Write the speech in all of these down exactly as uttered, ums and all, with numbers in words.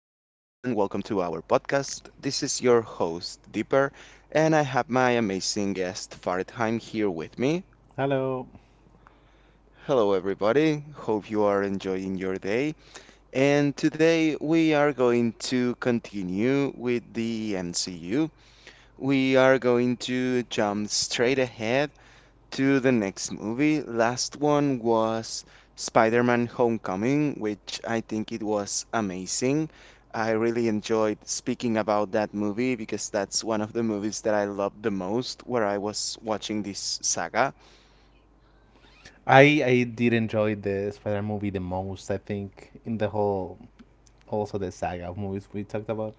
welcome to our podcast. This is your host, Deeper, and I have my amazing guest, Faridheim, here with me. Hello. Hello, everybody. Hope you are enjoying your day. And today we are going to continue with the M C U. We are going to jump straight ahead to the next movie. Last one was Spider-Man Homecoming, which I think it was amazing. I really enjoyed speaking about that movie because that's one of the movies that I loved the most where I was watching this saga. I I did enjoy the Spider movie the most, I think, in the whole also the saga of movies we talked about.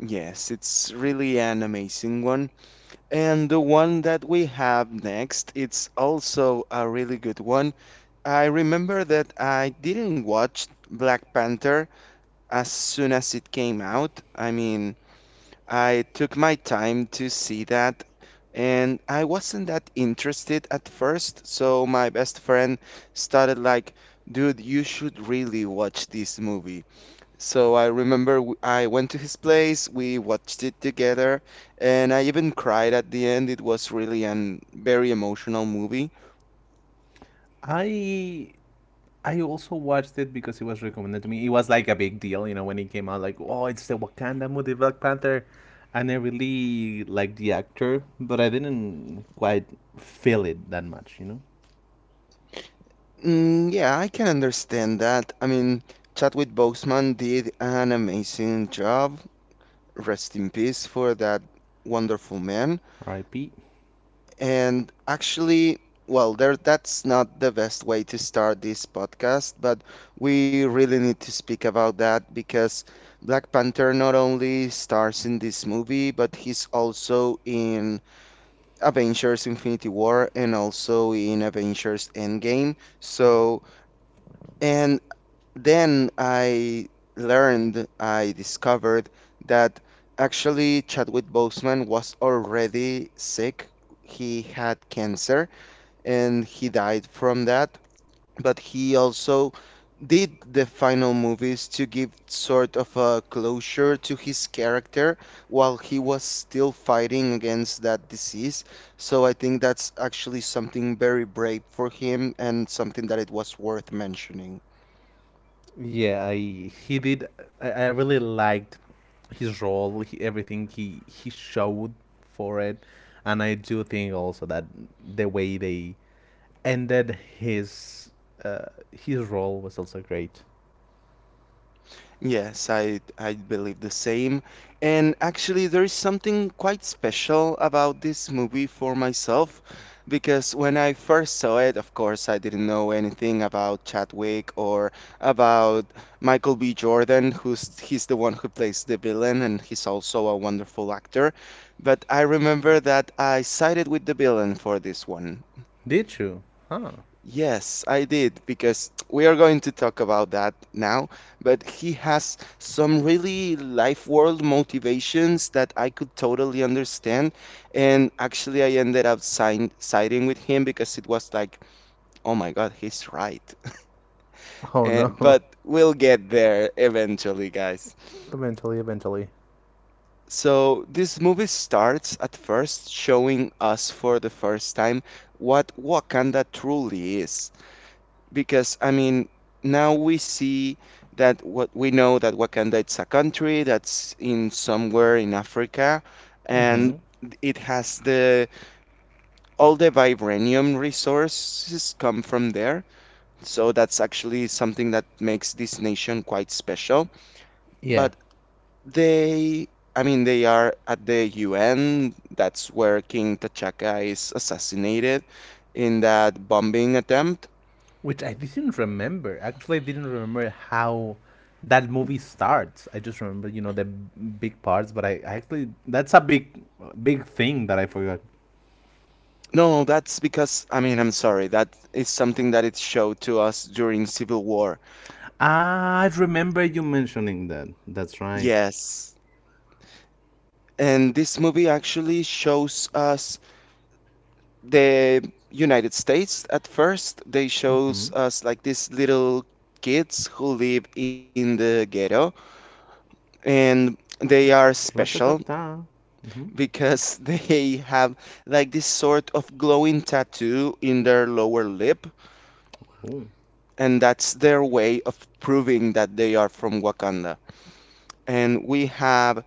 Yes, it's really an amazing one. And the one that we have next, it's also a really good one. I remember that I didn't watch Black Panther as soon as it came out. I mean, I took my time to see that, and I wasn't that interested at first. So my best friend started like, "Dude, you should really watch this movie." So I remember w- I went to his place, we watched it together, and I even cried at the end. It was really an very emotional movie. I I also watched it because it was recommended to me. It was like a big deal, you know, when it came out like, "Oh, it's the Wakanda movie Black Panther." And I really liked the actor, but I didn't quite feel it that much, you know. Mm, yeah, I can understand that. I mean, Chadwick Boseman did an amazing job. Rest in peace for that wonderful man. R I P. And actually, well, there that's not the best way to start this podcast, but we really need to speak about that because Black Panther not only stars in this movie, but he's also in Avengers Infinity War and also in Avengers Endgame. So, and then I learned, I discovered that actually Chadwick Boseman was already sick. He had cancer and he died from that. But he also did the final movies to give sort of a closure to his character while he was still fighting against that disease. So I think that's actually something very brave for him and something that it was worth mentioning. Yeah, I he did. I, I really liked his role, he, everything he he showed for it, and I do think also that the way they ended his uh, his role was also great. Yes, I I believe the same. And actually, there is something quite special about this movie for myself because when I first saw it, of course, I didn't know anything about Chadwick or about Michael B. Jordan, who's he's the one who plays the villain and he's also a wonderful actor. But I remember that I sided with the villain for this one. Did you? Huh. Yes, I did, because we are going to talk about that now. But he has some really life world motivations that I could totally understand. And actually, I ended up sign siding with him because it was like, oh my God, he's right. Oh Eh, no. but we'll get there eventually, guys. eventually, eventually. So, this movie starts at first showing us for the first time what Wakanda truly is, because I mean now we see that what we know that Wakanda, it's a country that's in somewhere in Africa, Mm-hmm. and it has the all the vibranium resources come from there. So that's actually something that makes this nation quite special. Yeah. But they, I mean they are at the U N, that's where King T'Chaka is assassinated in that bombing attempt. Which I didn't remember. Actually, I didn't remember how that movie starts. I just remember, you know, the big parts, but I, I actually that's a big big thing that I forgot. No, that's because, I mean, I'm sorry, that is something that it showed to us during Civil War. I remember you mentioning that. That's right. Yes. And this movie actually shows us the United States at first. They Mm-hmm. shows us like these little kids who live in the ghetto and they are special Ratatata. Mm-hmm. because they have like this sort of glowing tattoo in their lower lip, Oh. and that's their way of proving that they are from Wakanda. And we have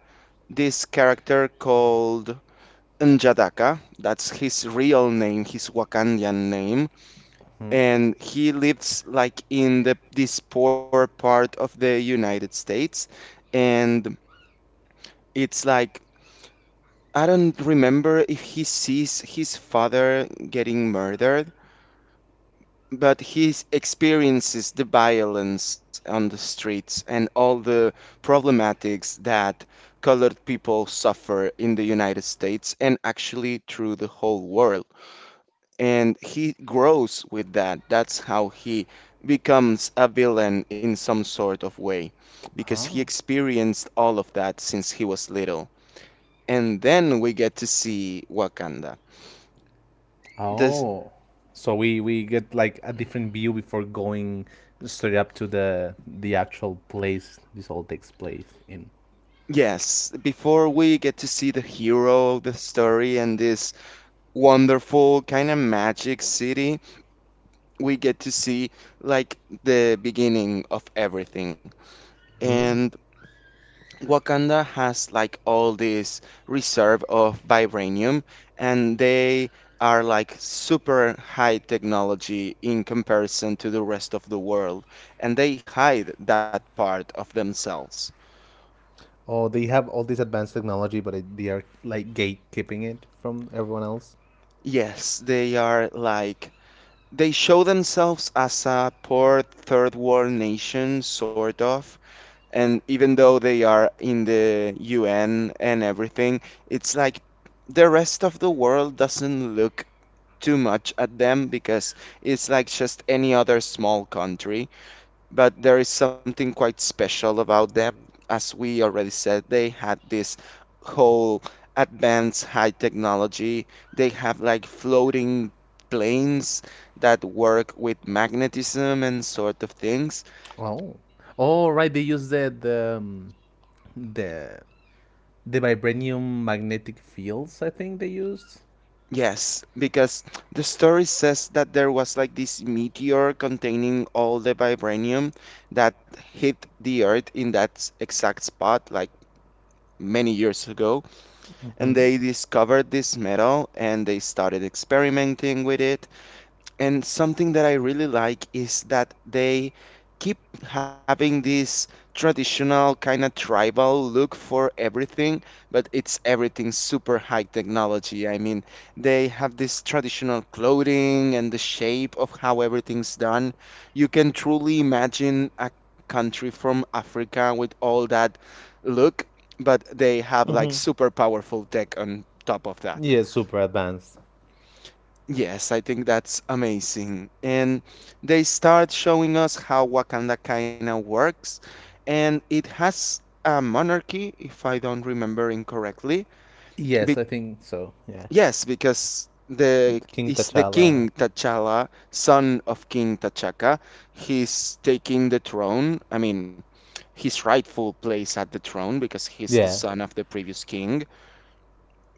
this character called Njadaka. That's his real name, his Wakandian name, Hmm. and he lives like in the this poor part of the United States, and it's like I don't remember if he sees his father getting murdered, but he experiences the violence on the streets and all the problematics that colored people suffer in the United States and actually through the whole world. And he grows with that. That's how he becomes a villain in some sort of way, because he Ah. experienced all of that since he was little. And then we get to see Wakanda. The Oh. So we we get like a different view before going straight up to the the actual place this all takes place in. Yes, before we get to see the hero of the story and this wonderful kind of magic city, we get to see like the beginning of everything. Mm. And Wakanda has like all this reserve of vibranium, and they are like super high technology in comparison to the rest of the world, and they hide that part of themselves. Oh, they have all this advanced technology, but it, they are like gatekeeping it from everyone else. Yes, they are like, they show themselves as a poor third world nation, sort of. And even though they are in the U N and everything, it's like the rest of the world doesn't look too much at them because it's like just any other small country. But there is something quite special about them. As we already said, they had this whole advanced high technology. They have like floating planes that work with magnetism and sort of things. Oh. Oh, right. They use the the um, the the vibranium magnetic fields. I think they used. Yes, because the story says that there was like this meteor containing all the vibranium that hit the Earth in that s- exact spot like many years ago, and Mm-hmm. they discovered this metal and they started experimenting with it, And something really like. and something that I really like is that they keep having this traditional kind of tribal look for everything, but it's everything super high technology. I mean, they have this traditional clothing and the shape of how everything's done. You can truly imagine a country from Africa with all that look, but they have like Mm-hmm. super powerful tech on top of that. Yeah. Yeah, super advanced. Yes, I think that's amazing. And they start showing us how Wakanda kind of works. And it has a monarchy, if I don't remember incorrectly. Yes, Be I think so. Yeah. Yes, because the King it's the T'Challa. King T'Challa, son of King T'Chaka. He's taking the throne. I mean, his rightful place at the throne because he's the Yeah. son of the previous king.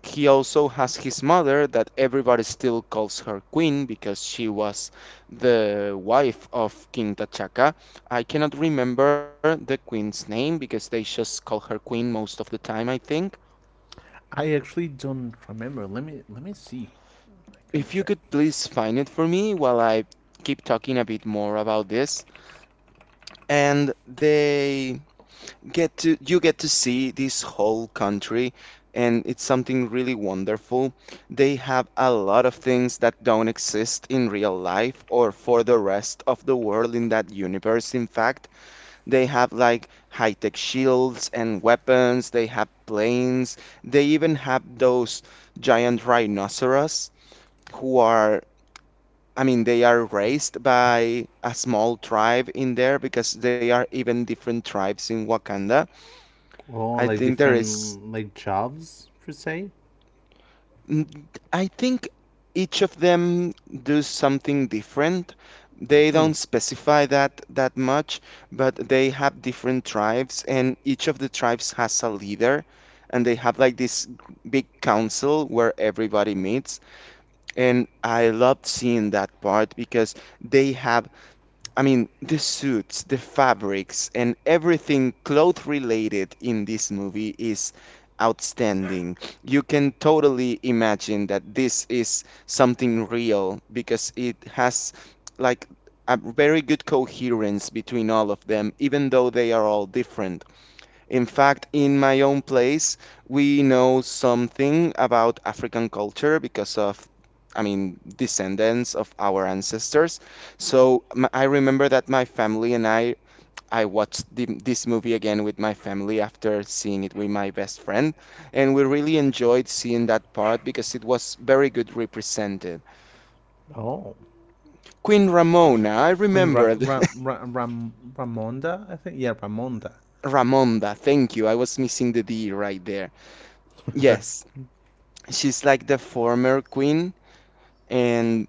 He also has his mother that everybody still calls her queen because she was the wife of King T'Chaka. I cannot remember the queen's name because they just call her queen most of the time, I think. I actually don't remember. Let me let me see. I can If you check. could please find it for me while I keep talking a bit more about this. And they get to you get to see this whole country and it's something really wonderful. They have a lot of things that don't exist in real life or for the rest of the world in that universe. In fact, they have like high-tech shields and weapons, they have planes, they even have those giant rhinoceros who are, I mean, they are raised by a small tribe in there because they are even different tribes in Wakanda. I Oh, like think there is. different like jobs per se. n- I think each of them do something different. They Hmm. don't specify that that much, but they have different tribes, and each of the tribes has a leader, and they have like this g- big council where everybody meets. And I loved seeing that part because they have, I mean, the suits, the fabrics, and everything cloth related in this movie is outstanding. You can totally imagine that this is something real because it has like a very good coherence between all of them, even though they are all different. In fact, in my own place, we know something about African culture because of, I mean, descendants of our ancestors. So m- I remember that my family and I, I watched the, this movie again with my family after seeing it with my best friend, and we really enjoyed seeing that part because it was very good represented. Oh, Queen Ramona, I when Ra- remembered. Ra- Ra- Ram- Ramonda, I think, yeah, Ramonda. Ramonda, thank you. I was missing the D right there. Yes, she's like the former queen, and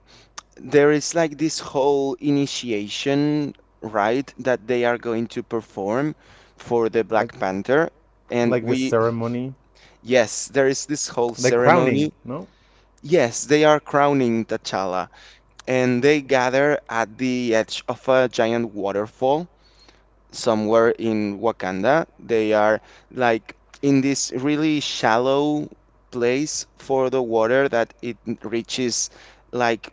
there is like this whole initiation right that they are going to perform for the like Black Panther, and like this we, ceremony, yes there is this whole like crowning, ceremony, no? yes they are crowning T'Challa, and they gather at the edge of a giant waterfall somewhere in Wakanda. They are like in this really shallow place for the water that it reaches like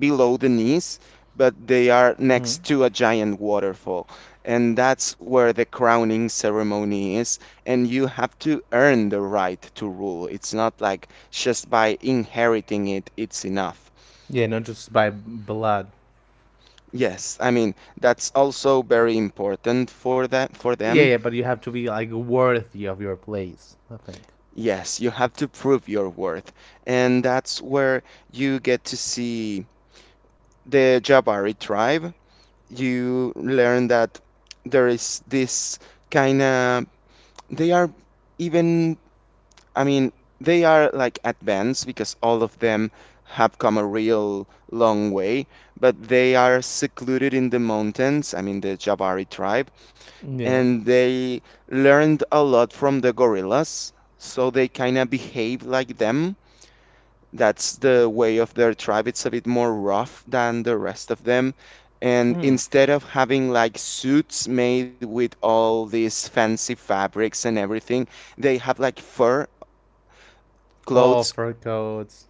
below the knees, but they are Hmm. next to a giant waterfall. And that's where the crowning ceremony is. And you have to earn the right to rule. It's not like just by inheriting it, it's enough. Yeah, not just by blood. Yes, I mean, that's also very important for that for Yeah, them. yeah, but you have to be like worthy of your place, I think. Yes, you have to prove your worth. And that's where you get to see the Jabari tribe. You learn that there is this kind of, they are even, I mean, they are like advanced because all of them have come a real long way, but they are secluded in the mountains, I mean, the Jabari tribe, Yeah. and they learned a lot from the gorillas, so they kind of behave like them. That's the way of their tribe. It's a bit more rough than the rest of them. And Hmm. instead of having like suits made with all these fancy fabrics and everything, they have like fur Oh, clothes. fur coats.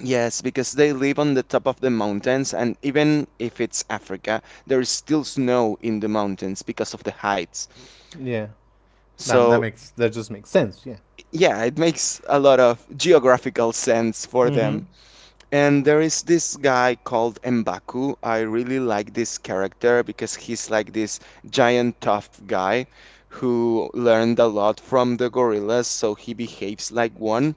Yes, because they live on the top of the mountains, and even if it's Africa, there is still snow in the mountains because of the heights. Yeah. That that So, makes that just makes sense. Yeah. yeah, it makes a lot of geographical sense for Mm-hmm. them. And there is this guy called M'Baku. I really like this character because he's like this giant tough guy who learned a lot from the gorillas, so he behaves like one.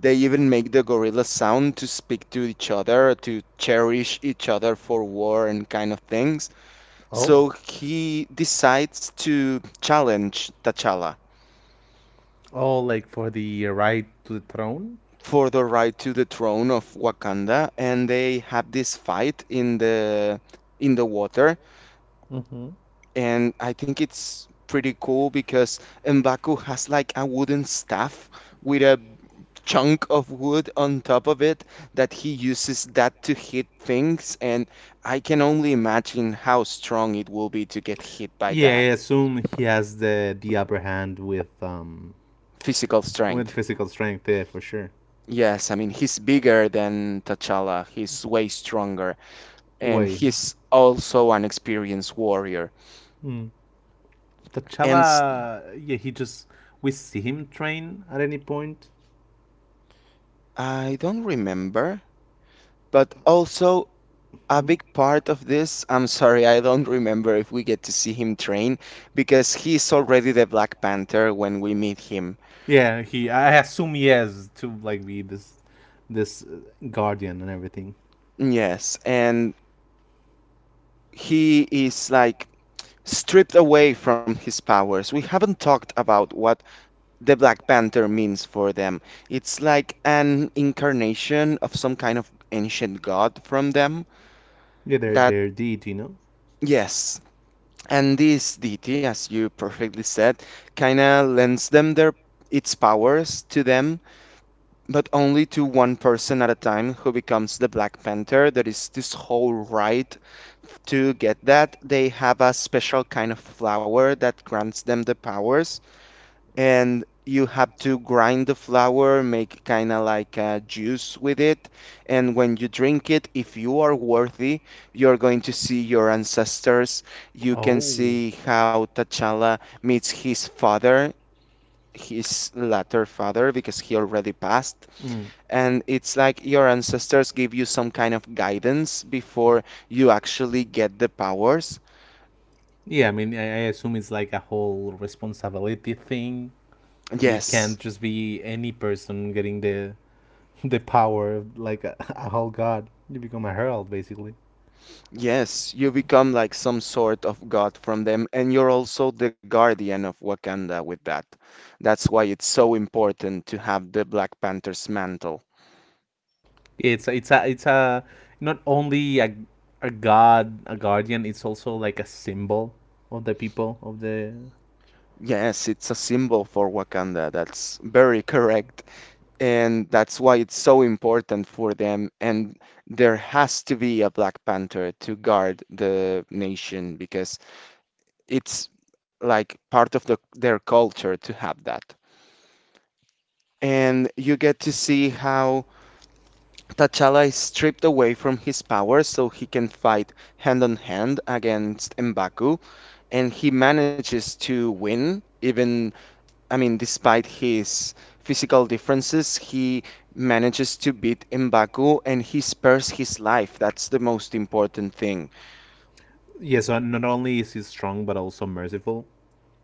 They even make the gorilla sound to speak to each other, to cherish each other for war and kind of things. Oh. So he decides to challenge T'Challa Oh, like for the right to the throne. for the right to the throne of Wakanda, and they have this fight in the in the water, Mm-hmm. and I think it's pretty cool because M'Baku has like a wooden staff with a chunk of wood on top of it that he uses that to hit things, and I can only imagine how strong it will be to get hit by Yeah, I that assume he has the the upper hand with um physical with strength. physical strength. Yeah, for sure. Yes, I mean he's bigger than T'Challa. He's way stronger and Why? he's also an experienced warrior. Hmm. And s- T'Challa, yeah, he just we see him train at any point. I don't remember, but also a Hmm? big part of this, I'm sorry, I don't remember if we get to see him train because he's already the Black Panther when we meet him. Yeah, he. I assume he has to like be this, this uh, guardian and everything. Yes, and he is like stripped away from his powers. We haven't talked about what the Black Panther means for them. It's like an incarnation of some kind of ancient god from them Yeah, they're that. they're deity, you know. Yes, and this deity, as you perfectly said, kinda lends them their its powers to them, but only to one person at a time who becomes the Black Panther. There is this whole right to get that. They have a special kind of flower that grants them the powers and you have to grind the flour, make kind of like a juice with it. And when you drink it, if you are worthy, you're going to see your ancestors. You can Oh. see how T'Challa meets his father, his latter father, because he already passed. Mm. And it's like your ancestors give you some kind of guidance before you actually get the powers. Yeah, I mean, I, I assume it's like a whole responsibility thing. You Yes. can't just be any person getting the the power of like a, a whole god. You become a herald, basically. Yes, you become like some sort of god from them, and you're also the guardian of Wakanda with that. That's why it's so important to have the Black Panther's mantle. It's a, it's a it's a not only a a god a guardian. It's also like a symbol of the people of the. Yes, it's a symbol for Wakanda. That's very correct. And that's why it's so important for them. And there has to be a Black Panther to guard the nation because it's like part of the, their culture to have that. And you get to see how T'Challa is stripped away from his powers so he can fight hand on hand against M'Baku, and he manages to win. Even, I mean, despite his physical differences, he manages to beat M'Baku and he spares his life. That's the most important thing. Yeah, so not only is he strong but also merciful.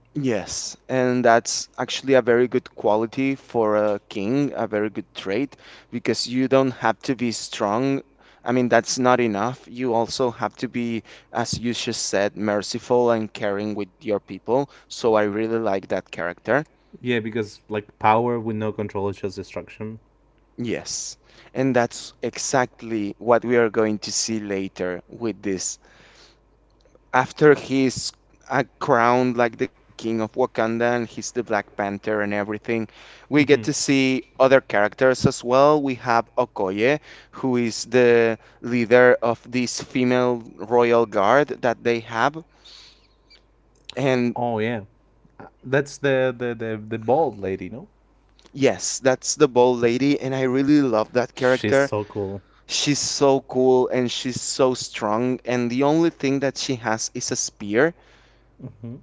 Yes, and that's actually a very good quality for a king, a very good trait, because you don't have to be strong. I mean, that's not enough. You also have to be, as you just said, merciful and caring with your people. So I really like that character. Yeah, because like power with no control is just destruction. Yes, and that's exactly what we are going to see later with this after he's uh, crowned like the king of Wakanda and he's the Black Panther and everything, we get to Mhm. see other characters as well. We have Okoye, who is the leader of this female royal guard that they have. And Oh yeah, Uh, that's the the the, the bald lady, no? yes, that's the bald lady, and I really love that She's character. so cool. She's so cool and she's so strong, and the only thing that she has is a spear. Hmm.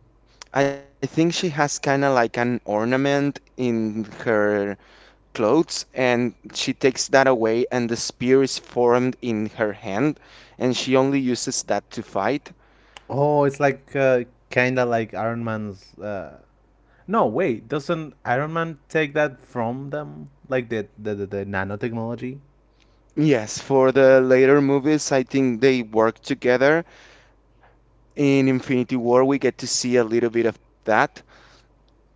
I think she has kind of like an ornament in her clothes and she takes that away and the spear is formed in her hand and she only uses that to fight. Oh, it's like uh, kinda like Iron Man's. Uh... No, wait, doesn't Iron Man take that from them? Like the the the, the, nanotechnology? Yes, for the later movies, I think they work together. In Infinity War, we get to see a little bit of that,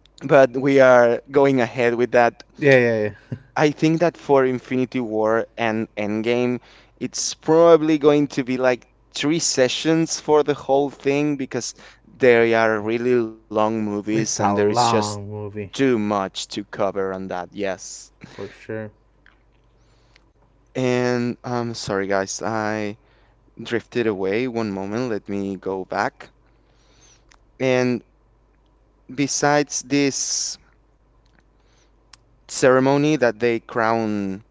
but we are going ahead with that. Yeah, yeah, yeah. I think that for Infinity War and Endgame, it's probably going to be like three sessions for the whole thing because they are really long movies and It's there a is just long movie too much to cover on that, yes. for sure. And I'm sorry, guys, I drifted away. One moment, let me go back. And besides this ceremony that they crown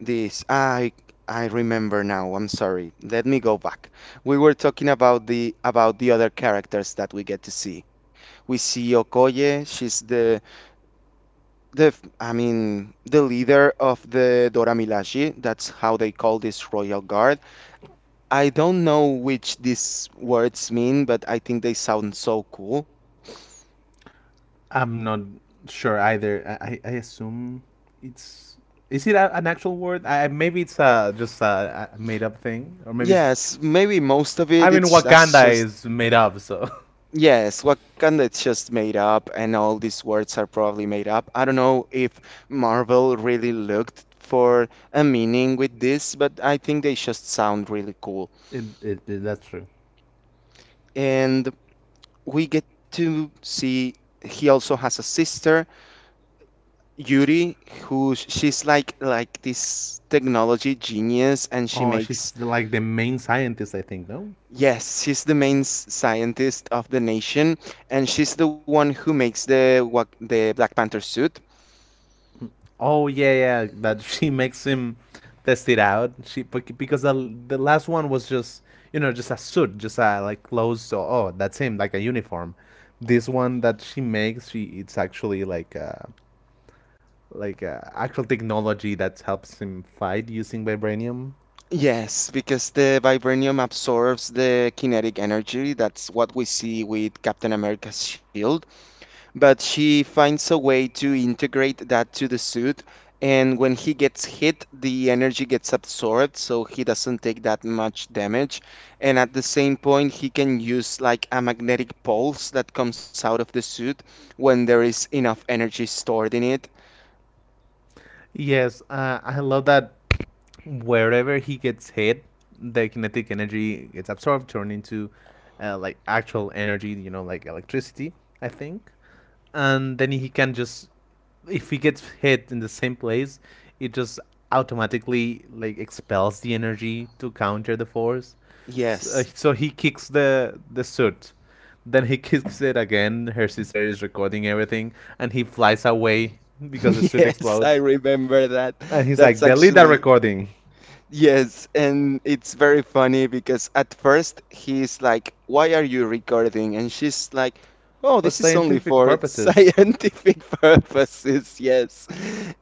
this, I I remember now. I'm sorry. Let me go back. We were talking about the about the other characters that we get to see. We see Okoye. She's the the I mean the leader of the Dora Milaje. That's how they call this royal guard. I don't know which these words mean, but I think they sound so cool. I'm not sure either. I, I I assume it's is it a, an actual word? I, maybe it's uh just a, a made up thing, or maybe it's. Yes, maybe most of I it, mean, it's that's Wakanda just, is made up, so. yes, Wakanda it's just made up, and all these words are probably made up. I don't know if Marvel really looked for a meaning with this, but I think they just sound really cool. It, it, it- that's true. And we get to see he also has a sister, Yuri, who she's like like this technology genius, and she Oh, makes. she's like the main scientist, I think. No. Yes, she's the main s- scientist of the nation, and she's the one who makes the wa- the Black Panther suit. Mm. Oh yeah, yeah. That She makes him test it out. She bec- because the the last one was just, you know, just a suit, just a like clothes. So, oh, that's him, like a uniform. This one that she makes, she it's actually like uh like uh, actual technology that helps him fight using vibranium. Yes, because the vibranium absorbs the kinetic energy. That's what we see with Captain America's shield. But she finds a way to integrate that to the suit, and when he gets hit, the energy gets absorbed, so he doesn't take that much damage. And at the same point, he can use like a magnetic pulse that comes out of the suit when there is enough energy stored in it. Yes, uh, I love that wherever he gets hit, the kinetic energy gets absorbed, turned into uh, like actual energy, you know, like electricity, I think. And then he can just, if he gets hit in the same place, it just automatically like expels the energy to counter the force. So, uh, Yes, so he kicks the the suit, then he kicks it again. Her sister is recording everything, and he flies away because the suit yes, I explodes. remember that. And he's That's like, delete that actually, recording yes, and it's very funny because at first he's like, "Why are you recording?" And she's like, "Oh, for this is only scientific for purposes. scientific purposes." Yes,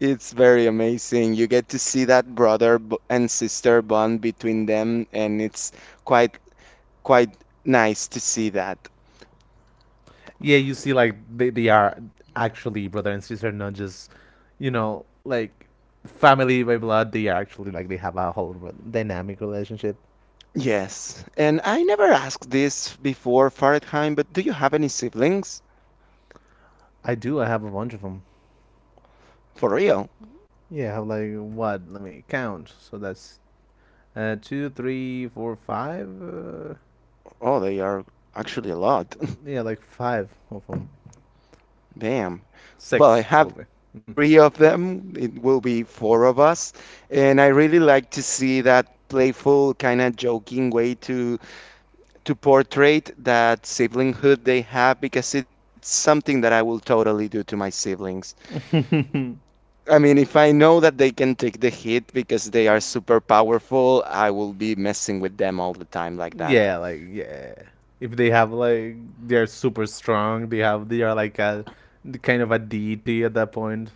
it's very amazing. You get to see that brother b- and sister bond between them, and it's quite quite nice to see that. Yeah, you see, like they, they are actually brother and sister, not just, you know, like family by blood. They are actually like they have a whole re- dynamic relationship. Yes, and I never asked this before, Fahrenheit, but do you have any siblings? I do. I have a bunch of them. For real? Yeah, like what? Let me count. So that's uh, two, three, four, five. Uh, Oh, they are actually a lot. yeah, like five of them. Damn. Well, I Six, have probably. Mhm. three of them. It will be four of us. And I really like to see that playful, kind of joking way to to portray that siblinghood they have because it's something that I will totally do to my siblings. Totally. Mhm. I mean, if I know that they can take the hit because they are super powerful, I will be messing with them all the time like that. Yeah, like yeah. If they have like they're super strong, they have they are like a kind of a deity at that point.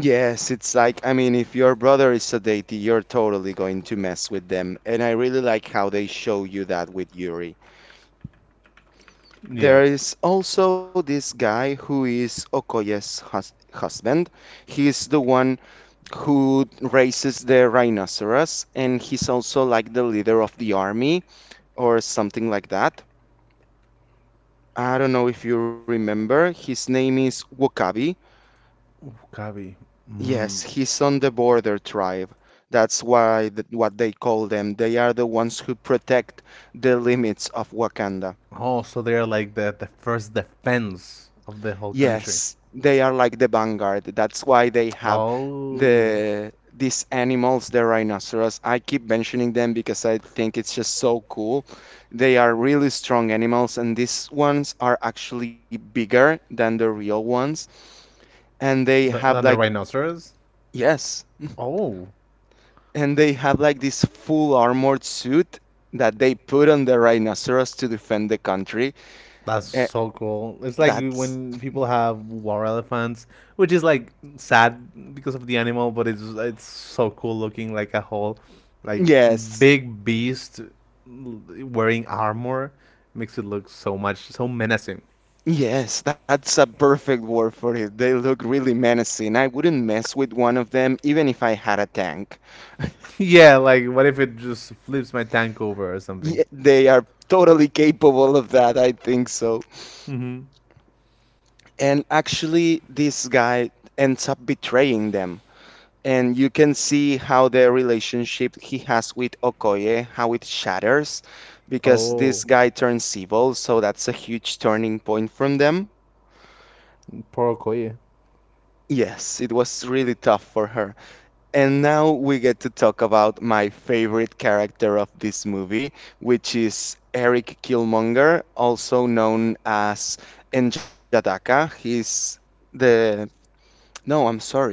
Yes, it's like, I mean, if your brother is a deity, you're totally going to mess with them. And I really like how they show you that with Yuri. Yeah. There is also this guy who is Okoye's hus husband. He's the one who raises the rhinoceros, and he's also like the leader of the army or something like that. I don't know if you remember. His name is Wakabi. Ooh, Kavi. Mm. Yes, he's on the border tribe. That's why th what they call them. They are the ones who protect the limits of Wakanda. Oh, so they are like the the first defense of the whole Yes, country. they are like the vanguard. That's why they have Oh, the these animals, the rhinoceros. I keep mentioning them because I think it's just so cool. They are really strong animals, and these ones are actually bigger than the real ones. And they the, have like, than the rhinoceros. yes. Oh. And they have like this full armored suit that they put on the rhinoceros to defend the country. That's Eh, so cool. It's like that's when people have war elephants, which is like sad because of the animal, but it's it's so cool looking like a whole like yes, big beast wearing armor makes it look so much so menacing. yes, that's a perfect word for it. They look really menacing. I wouldn't mess with one of them even if I had a tank. Yeah, like what if it just flips my tank over or something? Ye- they are totally capable of that, I think so. Mm-hmm. And actually, this guy ends up betraying them and you can see how the relationship he has with Okoye, how it shatters because this Oh, guy turns evil, so that's a huge turning point from them. poor Okoye. Yes, it was really tough for her. And now we get to talk about my favorite character of this movie, which is Eric Killmonger, also known as N'Jataka. He's the. No, I'm sorry.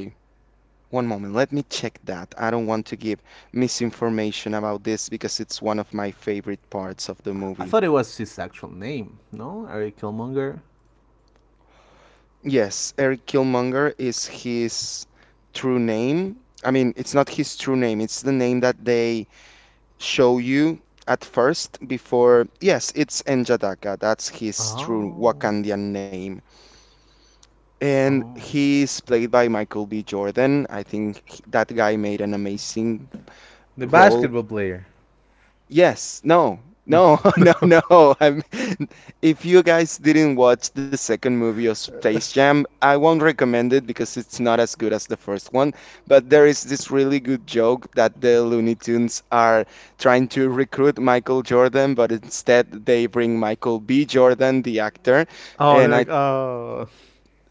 One moment, let me check that. I don't want to give misinformation about this because it's one of my favorite parts of the I movie. thought it was his actual name, no? Eric Killmonger. Yes, Eric Killmonger is his true name. I mean, it's not his true name, it's the name that they show you at first before. Yes, it's N'Jadaka. That's his true Oh. Wakandian name. And Oh. he's played by Michael B. Jordan. I think he- that guy made an amazing The role. basketball player. Yes, no, no, No. no, no. I'm, if you guys didn't watch the second movie of Space Jam, I won't recommend it because it's not as good as the first one. But there is this really good joke that the Looney Tunes are trying to recruit Michael Jordan, but instead they bring Michael B. Jordan, the actor. Oh, they're And I, like, oh.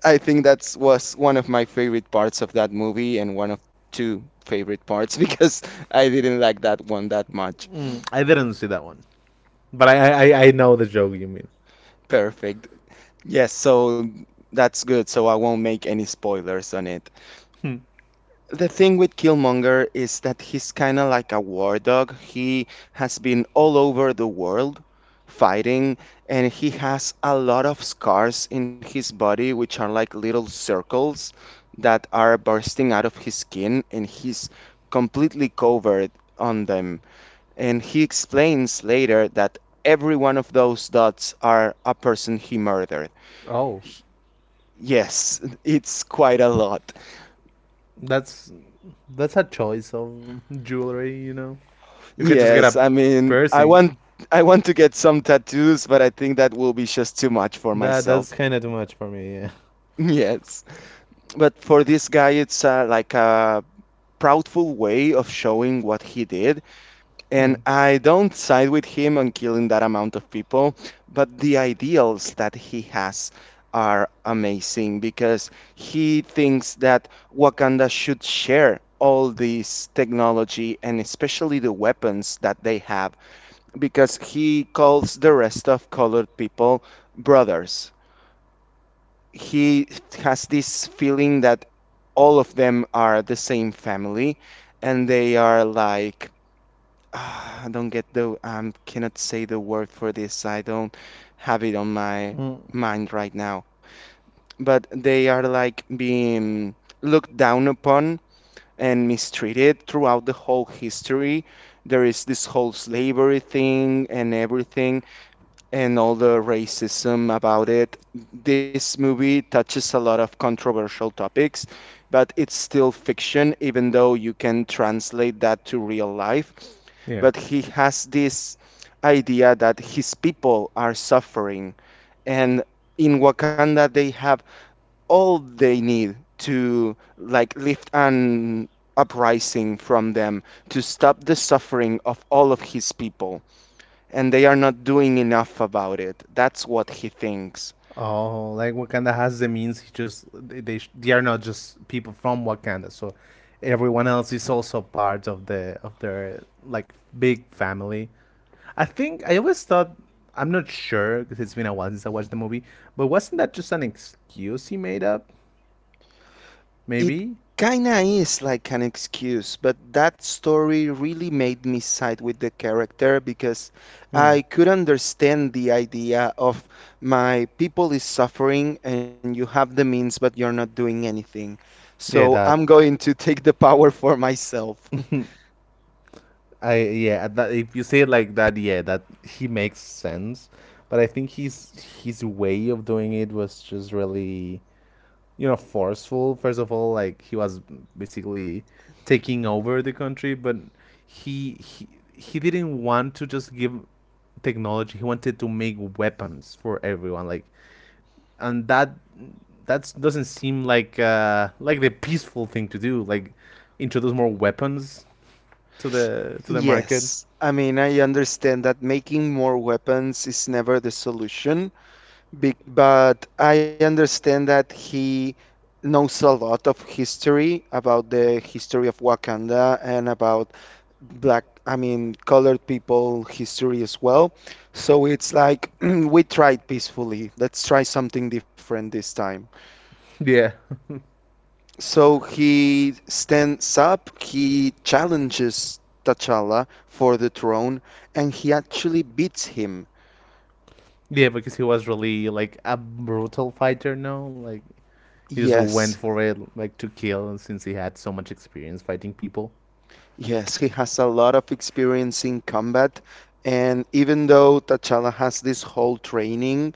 I think that's was one of my favorite parts of that movie and one of two favorite parts because I didn't like that one that much. Mm, I didn't see that one. But I, I, I know the joke you mean. Perfect. Yes, so that's good. So I won't make any spoilers on it. Hmm. The thing with Killmonger is that he's kind of like a war dog. He has been all over the world fighting, and he has a lot of scars in his body, which are like little circles that are bursting out of his skin, and he's completely covered on them. And he explains later that every one of those dots are a person he murdered. Oh, Yes, it's quite a lot. that's that's a choice of jewelry, you know. You can just get Yes, a I mean, I want piercing. I want to get some tattoos, but I think that will be just too much for That that's myself. kind of too much for me. Yeah. Yes. But for this guy, it's uh, like a proudful way of showing what he did. Hmm. And I I. don't side with him on killing that amount of people, but the ideals that he has are amazing because he thinks that Wakanda should share all this technology and especially the weapons that they have because he calls the rest of colored people brothers. He has this feeling that all of them are the same family and they are like, Ah, I don't get the, um cannot say the word for this. I don't have it on my Mm. Right. mind right now. But they are like being looked down upon and mistreated throughout the whole history. There is this whole slavery thing and everything and all the racism about it. This movie touches a lot of controversial topics, but it's still fiction, even though you can translate that to real life. Yeah. But he has this idea that his people are suffering, and in Wakanda, they have all they need to like lift an uprising from them to stop the suffering of all of his people, and they are not doing enough about it. That's what he thinks. Oh, like Wakanda has the means. He just they they, sh- they are not just people from Wakanda. So everyone else is also part of the of their like big family. I think I always thought, I'm not sure because it's been a while since I watched the movie. But wasn't that just an excuse he made up? It Maybe. kinda is like an excuse, but that story really made me side with the character because Hmm. I could understand the idea of my people is suffering and you have the means, but you're not doing anything. So Yeah, I'm that. going to take the power for myself. I yeah. uh, That if you say it like that, yeah, that he makes sense. But I think his his way of doing it was just really, you know, forceful first of all, like he was basically taking over the country, but he he, he didn't want to just give technology, he wanted to make weapons for everyone, like, and that that doesn't seem like uh like the peaceful thing to do, like introduce more weapons to the to the market. Yes, I mean, I understand that making more weapons is never the solution. Be- but I understand that he knows a lot of history about the history of Wakanda and about black, I mean, colored people history as well. So it's like, we tried peacefully. Let's try something different this time. Yeah. So he stands up, he challenges T'Challa for the throne, and he actually beats him. Yeah, because he was really like a brutal fighter, no, like he just Yes. went for it like to kill since he had so much experience fighting people. Yes, he has a lot of experience in combat. And even though T'Challa has this whole training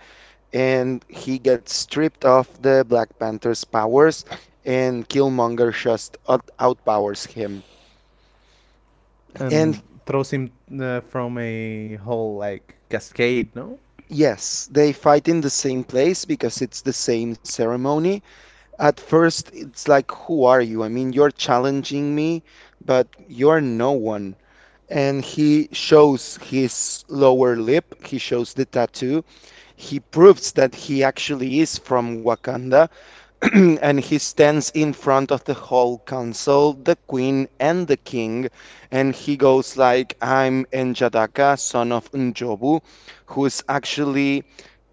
and he gets stripped of the Black Panther's powers, and Killmonger just out- outpowers him. And And throws him uh, from a whole like cascade, no? yes, they fight in the same place because it's the same ceremony. At first, it's like, who are you? I mean, you're challenging me, but you're no one. And he shows his lower lip, he shows the tattoo, he proves that he actually is from Wakanda. And he stands in front of the whole council, the queen and the king, and he goes like, "I'm Enjadaka, son of Njobu," who's actually,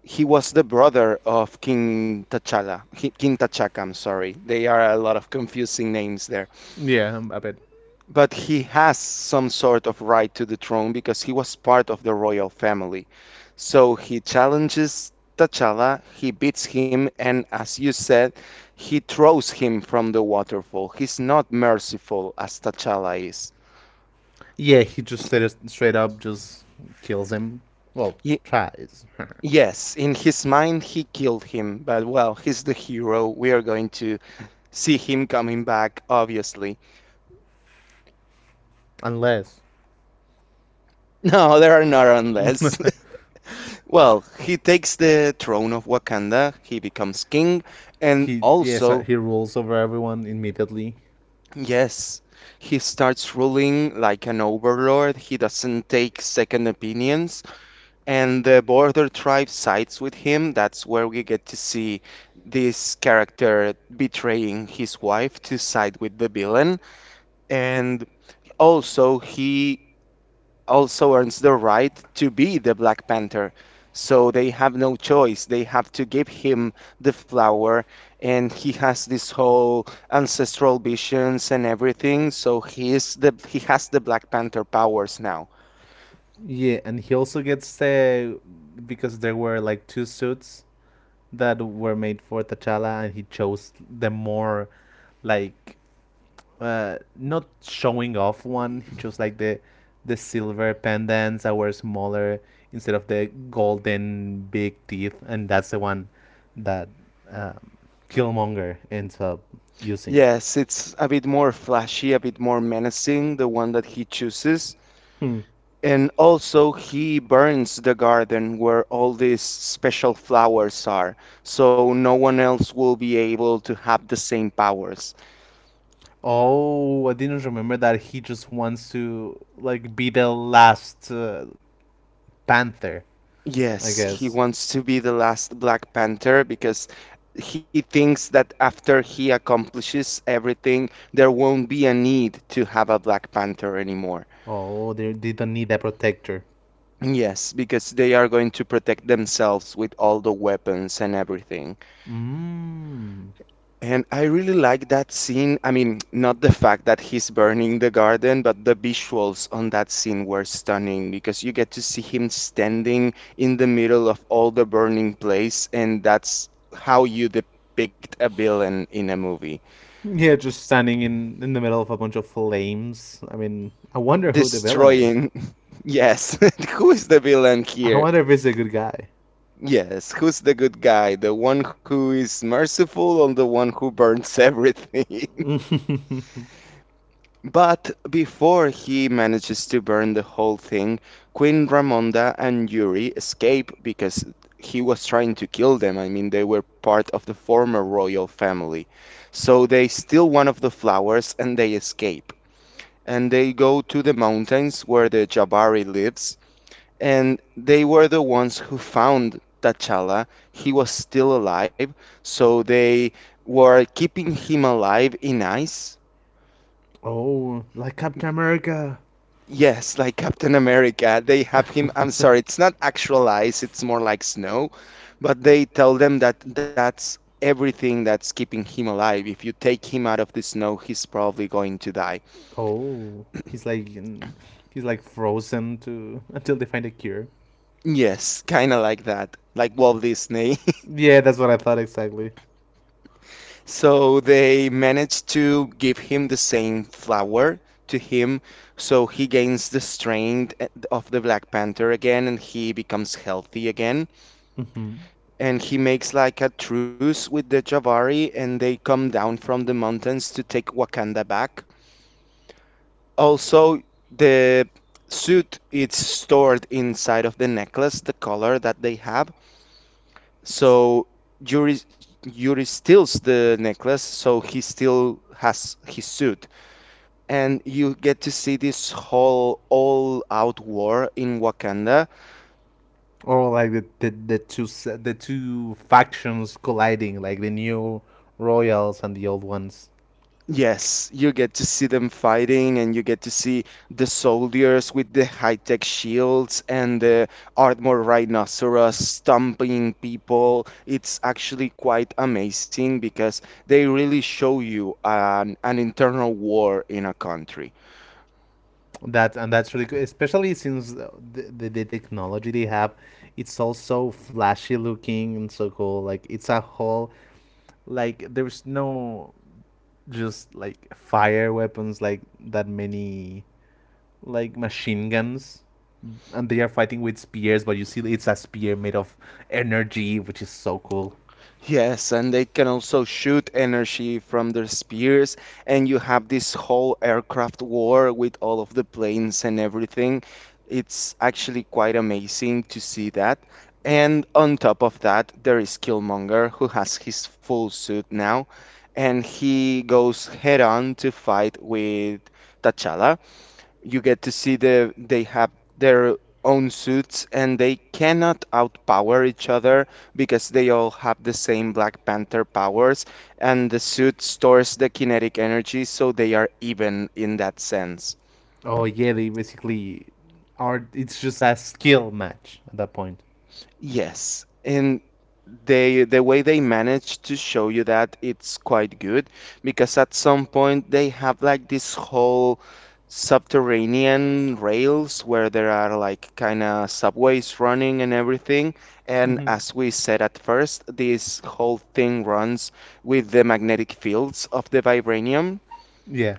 he was the brother of King T'Challa, He- King T'Chaka, I'm sorry. They are a lot of confusing names there. Like, yeah, um, I bet. But he has some sort of right to the throne because he was part of the royal family. So he challenges T'Challa, he beats him, and as you said, he throws him from the waterfall. He's not merciful as T'Challa is. Yeah, he just straight, straight up just kills him. Well, Ye- tries. yes, in his mind, he killed him, but well, he's the hero. We are going to see him coming back, obviously. Unless. No, there are not Not. unless. Well, he takes the throne of Wakanda, he becomes king, and He yeah, so also, he rules over everyone immediately. yes, he starts ruling like an overlord. He doesn't take second opinions, and the border tribe sides with him. That's where we get to see this character betraying his wife to side with the villain. And also, he also earns the right to be the Black Panther. So they have no choice. They have to give him the flower, and he has this whole ancestral visions and everything. So he is the he has the Black Panther powers now. Yeah, and he also gets the, because there were like two suits that were made for T'Challa, and he chose the more like uh, not showing off one. He chose like the the silver pendants that were smaller instead of the golden big teeth, and that's the one that um, Killmonger ends up using. Yes, it's a bit more flashy, a bit more menacing, the one that he chooses. Hmm. And also, he burns the garden where all these special flowers are, so no one else will be able to have the same powers. Oh, I didn't remember that. He just wants to like be the last uh, Panther, I Yes, he guess. wants to be the last Black Panther because he thinks that after he accomplishes everything, there won't be a need to have a Black Panther anymore. Oh, they didn't need a protector. Yes, because they are going to protect themselves with all the weapons and everything. Mmm. And I really like that scene. I mean, not the fact that he's burning the garden, but the visuals on that scene were stunning because you get to see him standing in the middle of all the burning place, and that's how you depict a villain in a movie. Yeah, just standing in in the middle of a bunch of flames. I mean, I wonder who the villain is. Destroying, yes. Who is the villain I here? wonder if he's a good guy. Yes, who's the good guy? The one who is merciful or the one who burns everything? But before he manages to burn the whole thing, Queen Ramonda and Yuri escape because he was trying to kill them. I mean, they were part of the former royal family. So they steal one of the flowers and they escape. And they go to the mountains where the Jabari lives. And they were the ones who found T'Challa. He was still alive. So they were keeping him alive in ice. Oh, like Captain America. Yes, like Captain America. They have him. I'm sorry, it's not actual ice, it's more like snow, but they tell them that that's everything that's keeping him alive. If you take him out of the snow, he's probably going to die. Oh, he's like in, he's like frozen to until they find a cure. Yes, kind of like that, like Walt Disney. Yeah, that's what I thought exactly. So they managed to give him the same flower to him, so he gains the strength eh, of the Black Panther again and he becomes healthy again. Hmm. And he makes like a truce with the Javari and they come down from the mountains to take Wakanda back. Also, the suit is stored inside of the necklace, the color that they have. It's. So Yuri Yuri steals the necklace, so he still has his suit. And you get to see this whole all-out war in Wakanda. Or like the, the, the two se- the two factions colliding, like the new royals and the old ones. Yes, you get to see them fighting, and you get to see the soldiers with the high-tech shields and the armored rhinoceros stomping people. It's actually quite amazing because they really show you an, an internal war in a country. That and that's really good, especially since the, the, the technology they have, it's all so flashy looking and so cool. Like it's a whole, like there's no, just like fire weapons like that many, like machine guns, and they are fighting with spears. But you see, it's a spear made of energy, which is so cool. Yes, and they can also shoot energy from their spears, and you have this whole aircraft war with all of the planes and everything. It's actually quite amazing to see that. And on top of that, there is Killmonger, who has his full suit now, and he goes head on to fight with T'Challa. You get to see the they have their own suits and they cannot outpower each other because they all have the same Black Panther powers and the suit stores the kinetic energy so they are even in that sense. Oh yeah, they basically are. It's just a skill match at that point. Yes, and they the way they manage to show you that it's quite good because at some point they have like this whole subterranean rails where there are like kind of subways running and everything. And Hmm. as we said at first, this whole thing runs with the magnetic fields of the vibranium. Yeah.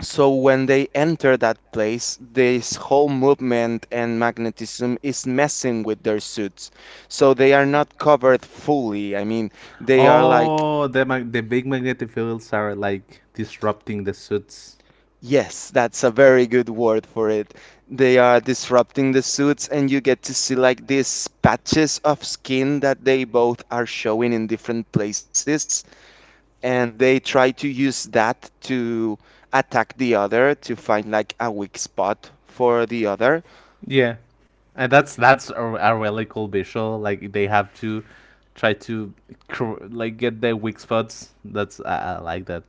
So when they enter that place, this whole movement and magnetism is messing with their suits. So they are not covered fully. I mean, they are like, Oh, the mag- the big magnetic fields are like disrupting the suits. yes, that's a very good word for it. They are disrupting the suits, and you get to see like these patches of skin that they both are showing in different places. And they try to use that to attack the other to find like a weak spot for the other. Yeah, and that's that's a, a really cool visual. Like they have to try to cr- like get their weak spots. That's I, I like that.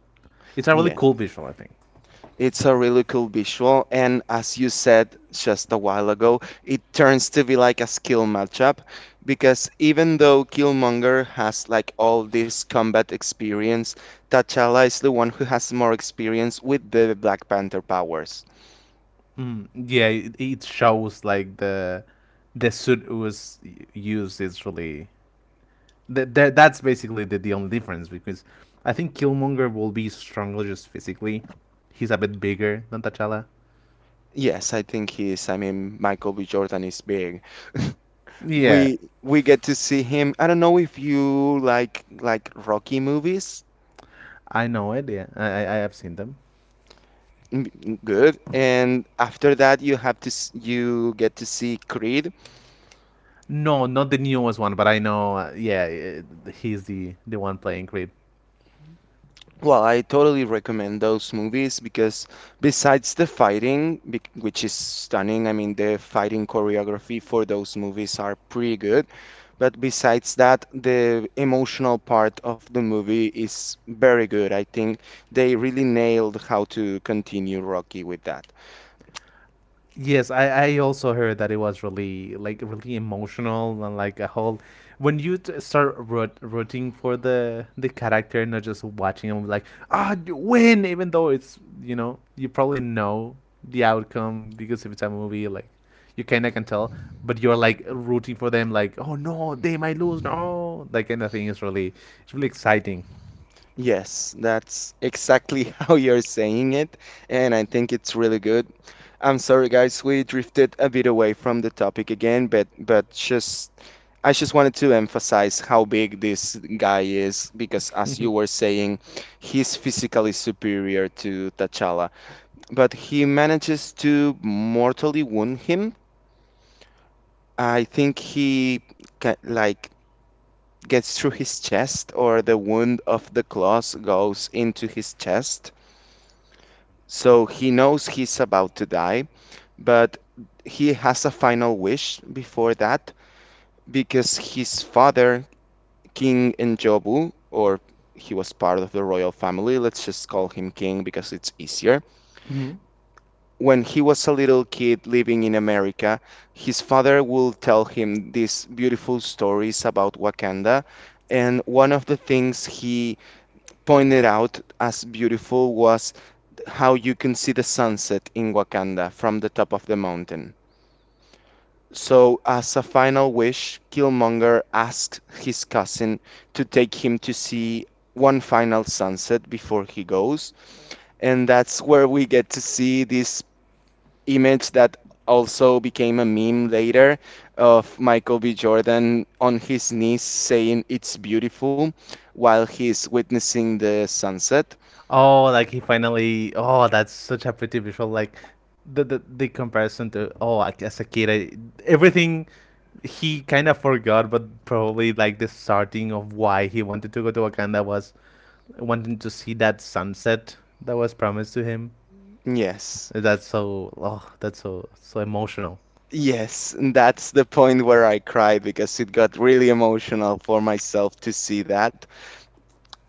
It's a really Yeah. cool visual, I think. It's a really cool visual, and as you said just a while ago, it turns to be like a skill matchup because even though Killmonger has like all this combat experience, T'Challa is the one who has more experience with the Black Panther powers. Mm, yeah, it, it shows like the the suit was y- used is really that that that's basically the, the only difference because I think Killmonger will be stronger just physically. He's a bit bigger than T'Challa. Yes, I think he is. I mean, Michael B. Jordan is big. Yeah, We we get to see him. I don't know if you like like Rocky movies. I know it. Yeah, I I I have seen them. Mm. Good. And after that, you have to s- you get to see Creed. No, not the newest one, but I know. Uh, yeah, uh, he's the the one playing Creed. Well, I totally recommend those movies because besides the fighting, bec- which is stunning, I mean, the fighting choreography for those movies are pretty good. But besides that, the emotional part of the movie is very good. I think they really nailed how to continue Rocky with that. Yes, I, I also heard that it was really like really emotional and like a whole when you t- start root, rooting for the the character, not just watching them like ah d- win, even though it's, you know, you probably know the outcome because if it's a movie like you kind of can tell, but you're like rooting for them like oh no they might lose no, that kind of thing is really, it's really exciting. Yes, that's exactly how you're saying it, and I think it's really good. I'm sorry, guys. We drifted a bit away from the topic again, but but just I just wanted to emphasize how big this guy is because, as you were saying, he's physically superior to T'Challa, but he manages to mortally wound him. I think he ca- like gets through his chest, or the wound of the claws goes into his chest. So he knows he's about to die, but he has a final wish before that because his father, King Njobu, or he was part of the royal family, let's just call him King because it's easier. Mhm. When he was a little kid living in America, his father will tell him these beautiful stories about Wakanda. And one of the things he pointed out as beautiful was how you can see the sunset in Wakanda from the top of the mountain. So, as a final wish, Killmonger asks his cousin to take him to see one final sunset before he goes. And that's where we get to see this image that also became a meme later of Michael B. Jordan on his knees saying it's beautiful while he's witnessing the sunset. Oh, like he finally. Oh, that's such a pretty visual. Like the the, the comparison to oh, like, as a kid, I, everything he kind of forgot, but probably like the starting of why he wanted to go to Wakanda was wanting to see that sunset that was promised to him. Yes. That's so. Oh, that's so so emotional. Yes, and that's the point where I cried because it got really emotional for myself to see that,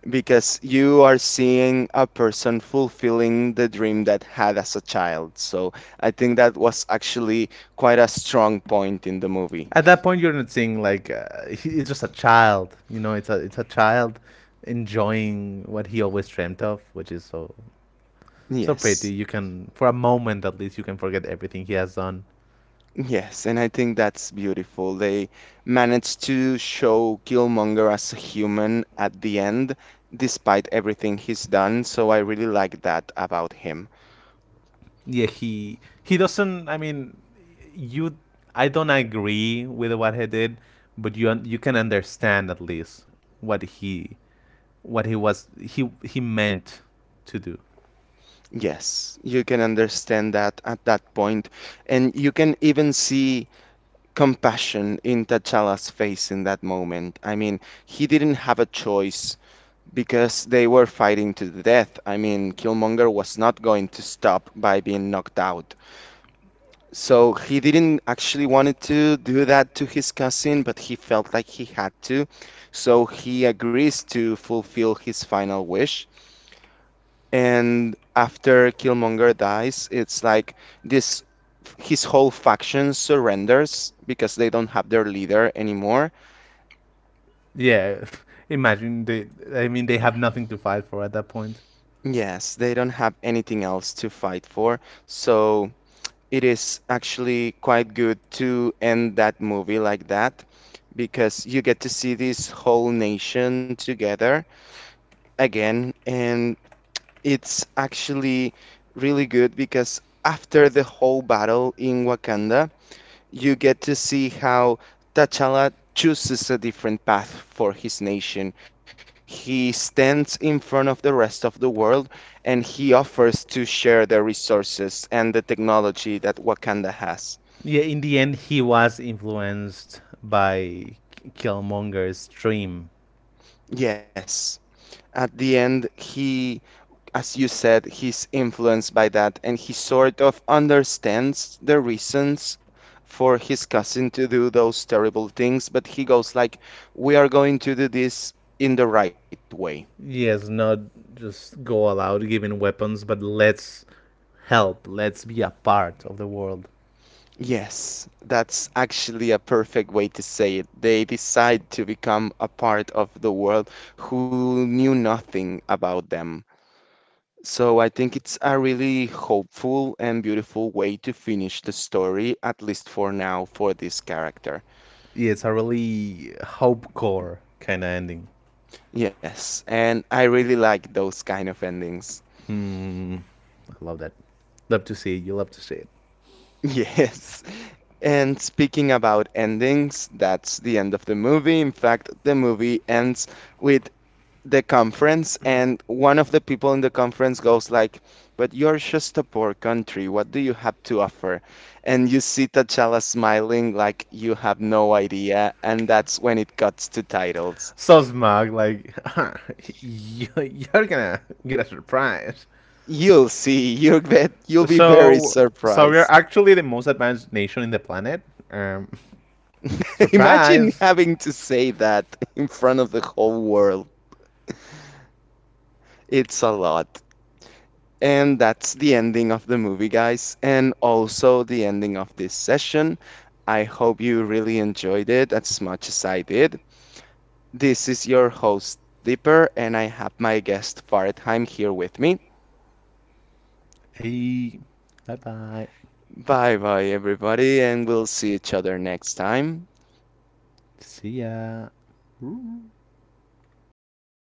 because you are seeing a person fulfilling the dream that had as a child. So I think that was actually quite a strong point in the movie. At that point, you're not seeing like uh, he, it's just a child. You know, it's a it's a child enjoying what he always dreamt of, which is so so pretty. Yes. You can, for a moment at least, you can forget everything he has done. Yes, and I think that's beautiful. They managed to show Killmonger as a human at the end, despite everything he's done, so I really like that about him. Yeah, he he doesn't. I mean, you. I don't agree with what he did, but you you can understand at least what he what he was he he meant to do. Yes, you can understand that at that point, and you can even see compassion in T'Challa's face in that moment. I mean, he didn't have a choice because they were fighting to the death. I mean, Killmonger was not going to stop by being knocked out. So he didn't actually wanted to do that to his cousin, but he felt like he had to. So he agrees to fulfill his final wish. And after Killmonger dies, it's like this his whole faction surrenders because they don't have their leader anymore. Yeah, imagine they. I mean, they have nothing to fight for at that point. Yes, they don't have anything else to fight for. So it is actually quite good to end that movie like that because you get to see this whole nation together again. And it's actually really good because after the whole battle in Wakanda, you get to see how T'Challa chooses a different path for his nation. He stands in front of the rest of the world and he offers to share the resources and the technology that Wakanda has. Yeah, in the end, he was influenced by Killmonger's dream. Yes. At the end, he, as you said, he's influenced by that and he sort of understands the reasons for his cousin to do those terrible things, but he goes like, we are going to do this in the right way. Yes, not just go aloud giving weapons, but let's help. Let's be a part of the world. Yes, that's actually a perfect way to say it. They decide to become a part of the world who knew nothing about them. So I think it's a really hopeful and beautiful way to finish the story, at least for now, for this character. Yeah, it's a really hope core kind of ending. Yes, and I really like those kind of endings. Hmm, I love that. Love to see it. You love to see it. Yes. And speaking about endings, that's the end of the movie. In fact, the movie ends with the conference, and one of the people in the conference goes like, "But you're just a poor country. What do you have to offer?" And you see T'Challa smiling like you have no idea, and that's when it cuts to titles. So smug, like you- are gonna get a surprise. You'll see. You'll bet. You'll be very So, so we surprised. are actually the most advanced nation in the planet. Um, Imagine surprise. having to say that in front of the whole world. It's a lot. And that's the ending of the movie, guys, and also the ending of this session. I hope you really enjoyed it as much as I did. This is your host, Dipper, and I have my guest, Faretheim, here with me. Hey, bye bye. Bye bye, everybody, and we'll see each other next time. See ya. Ooh.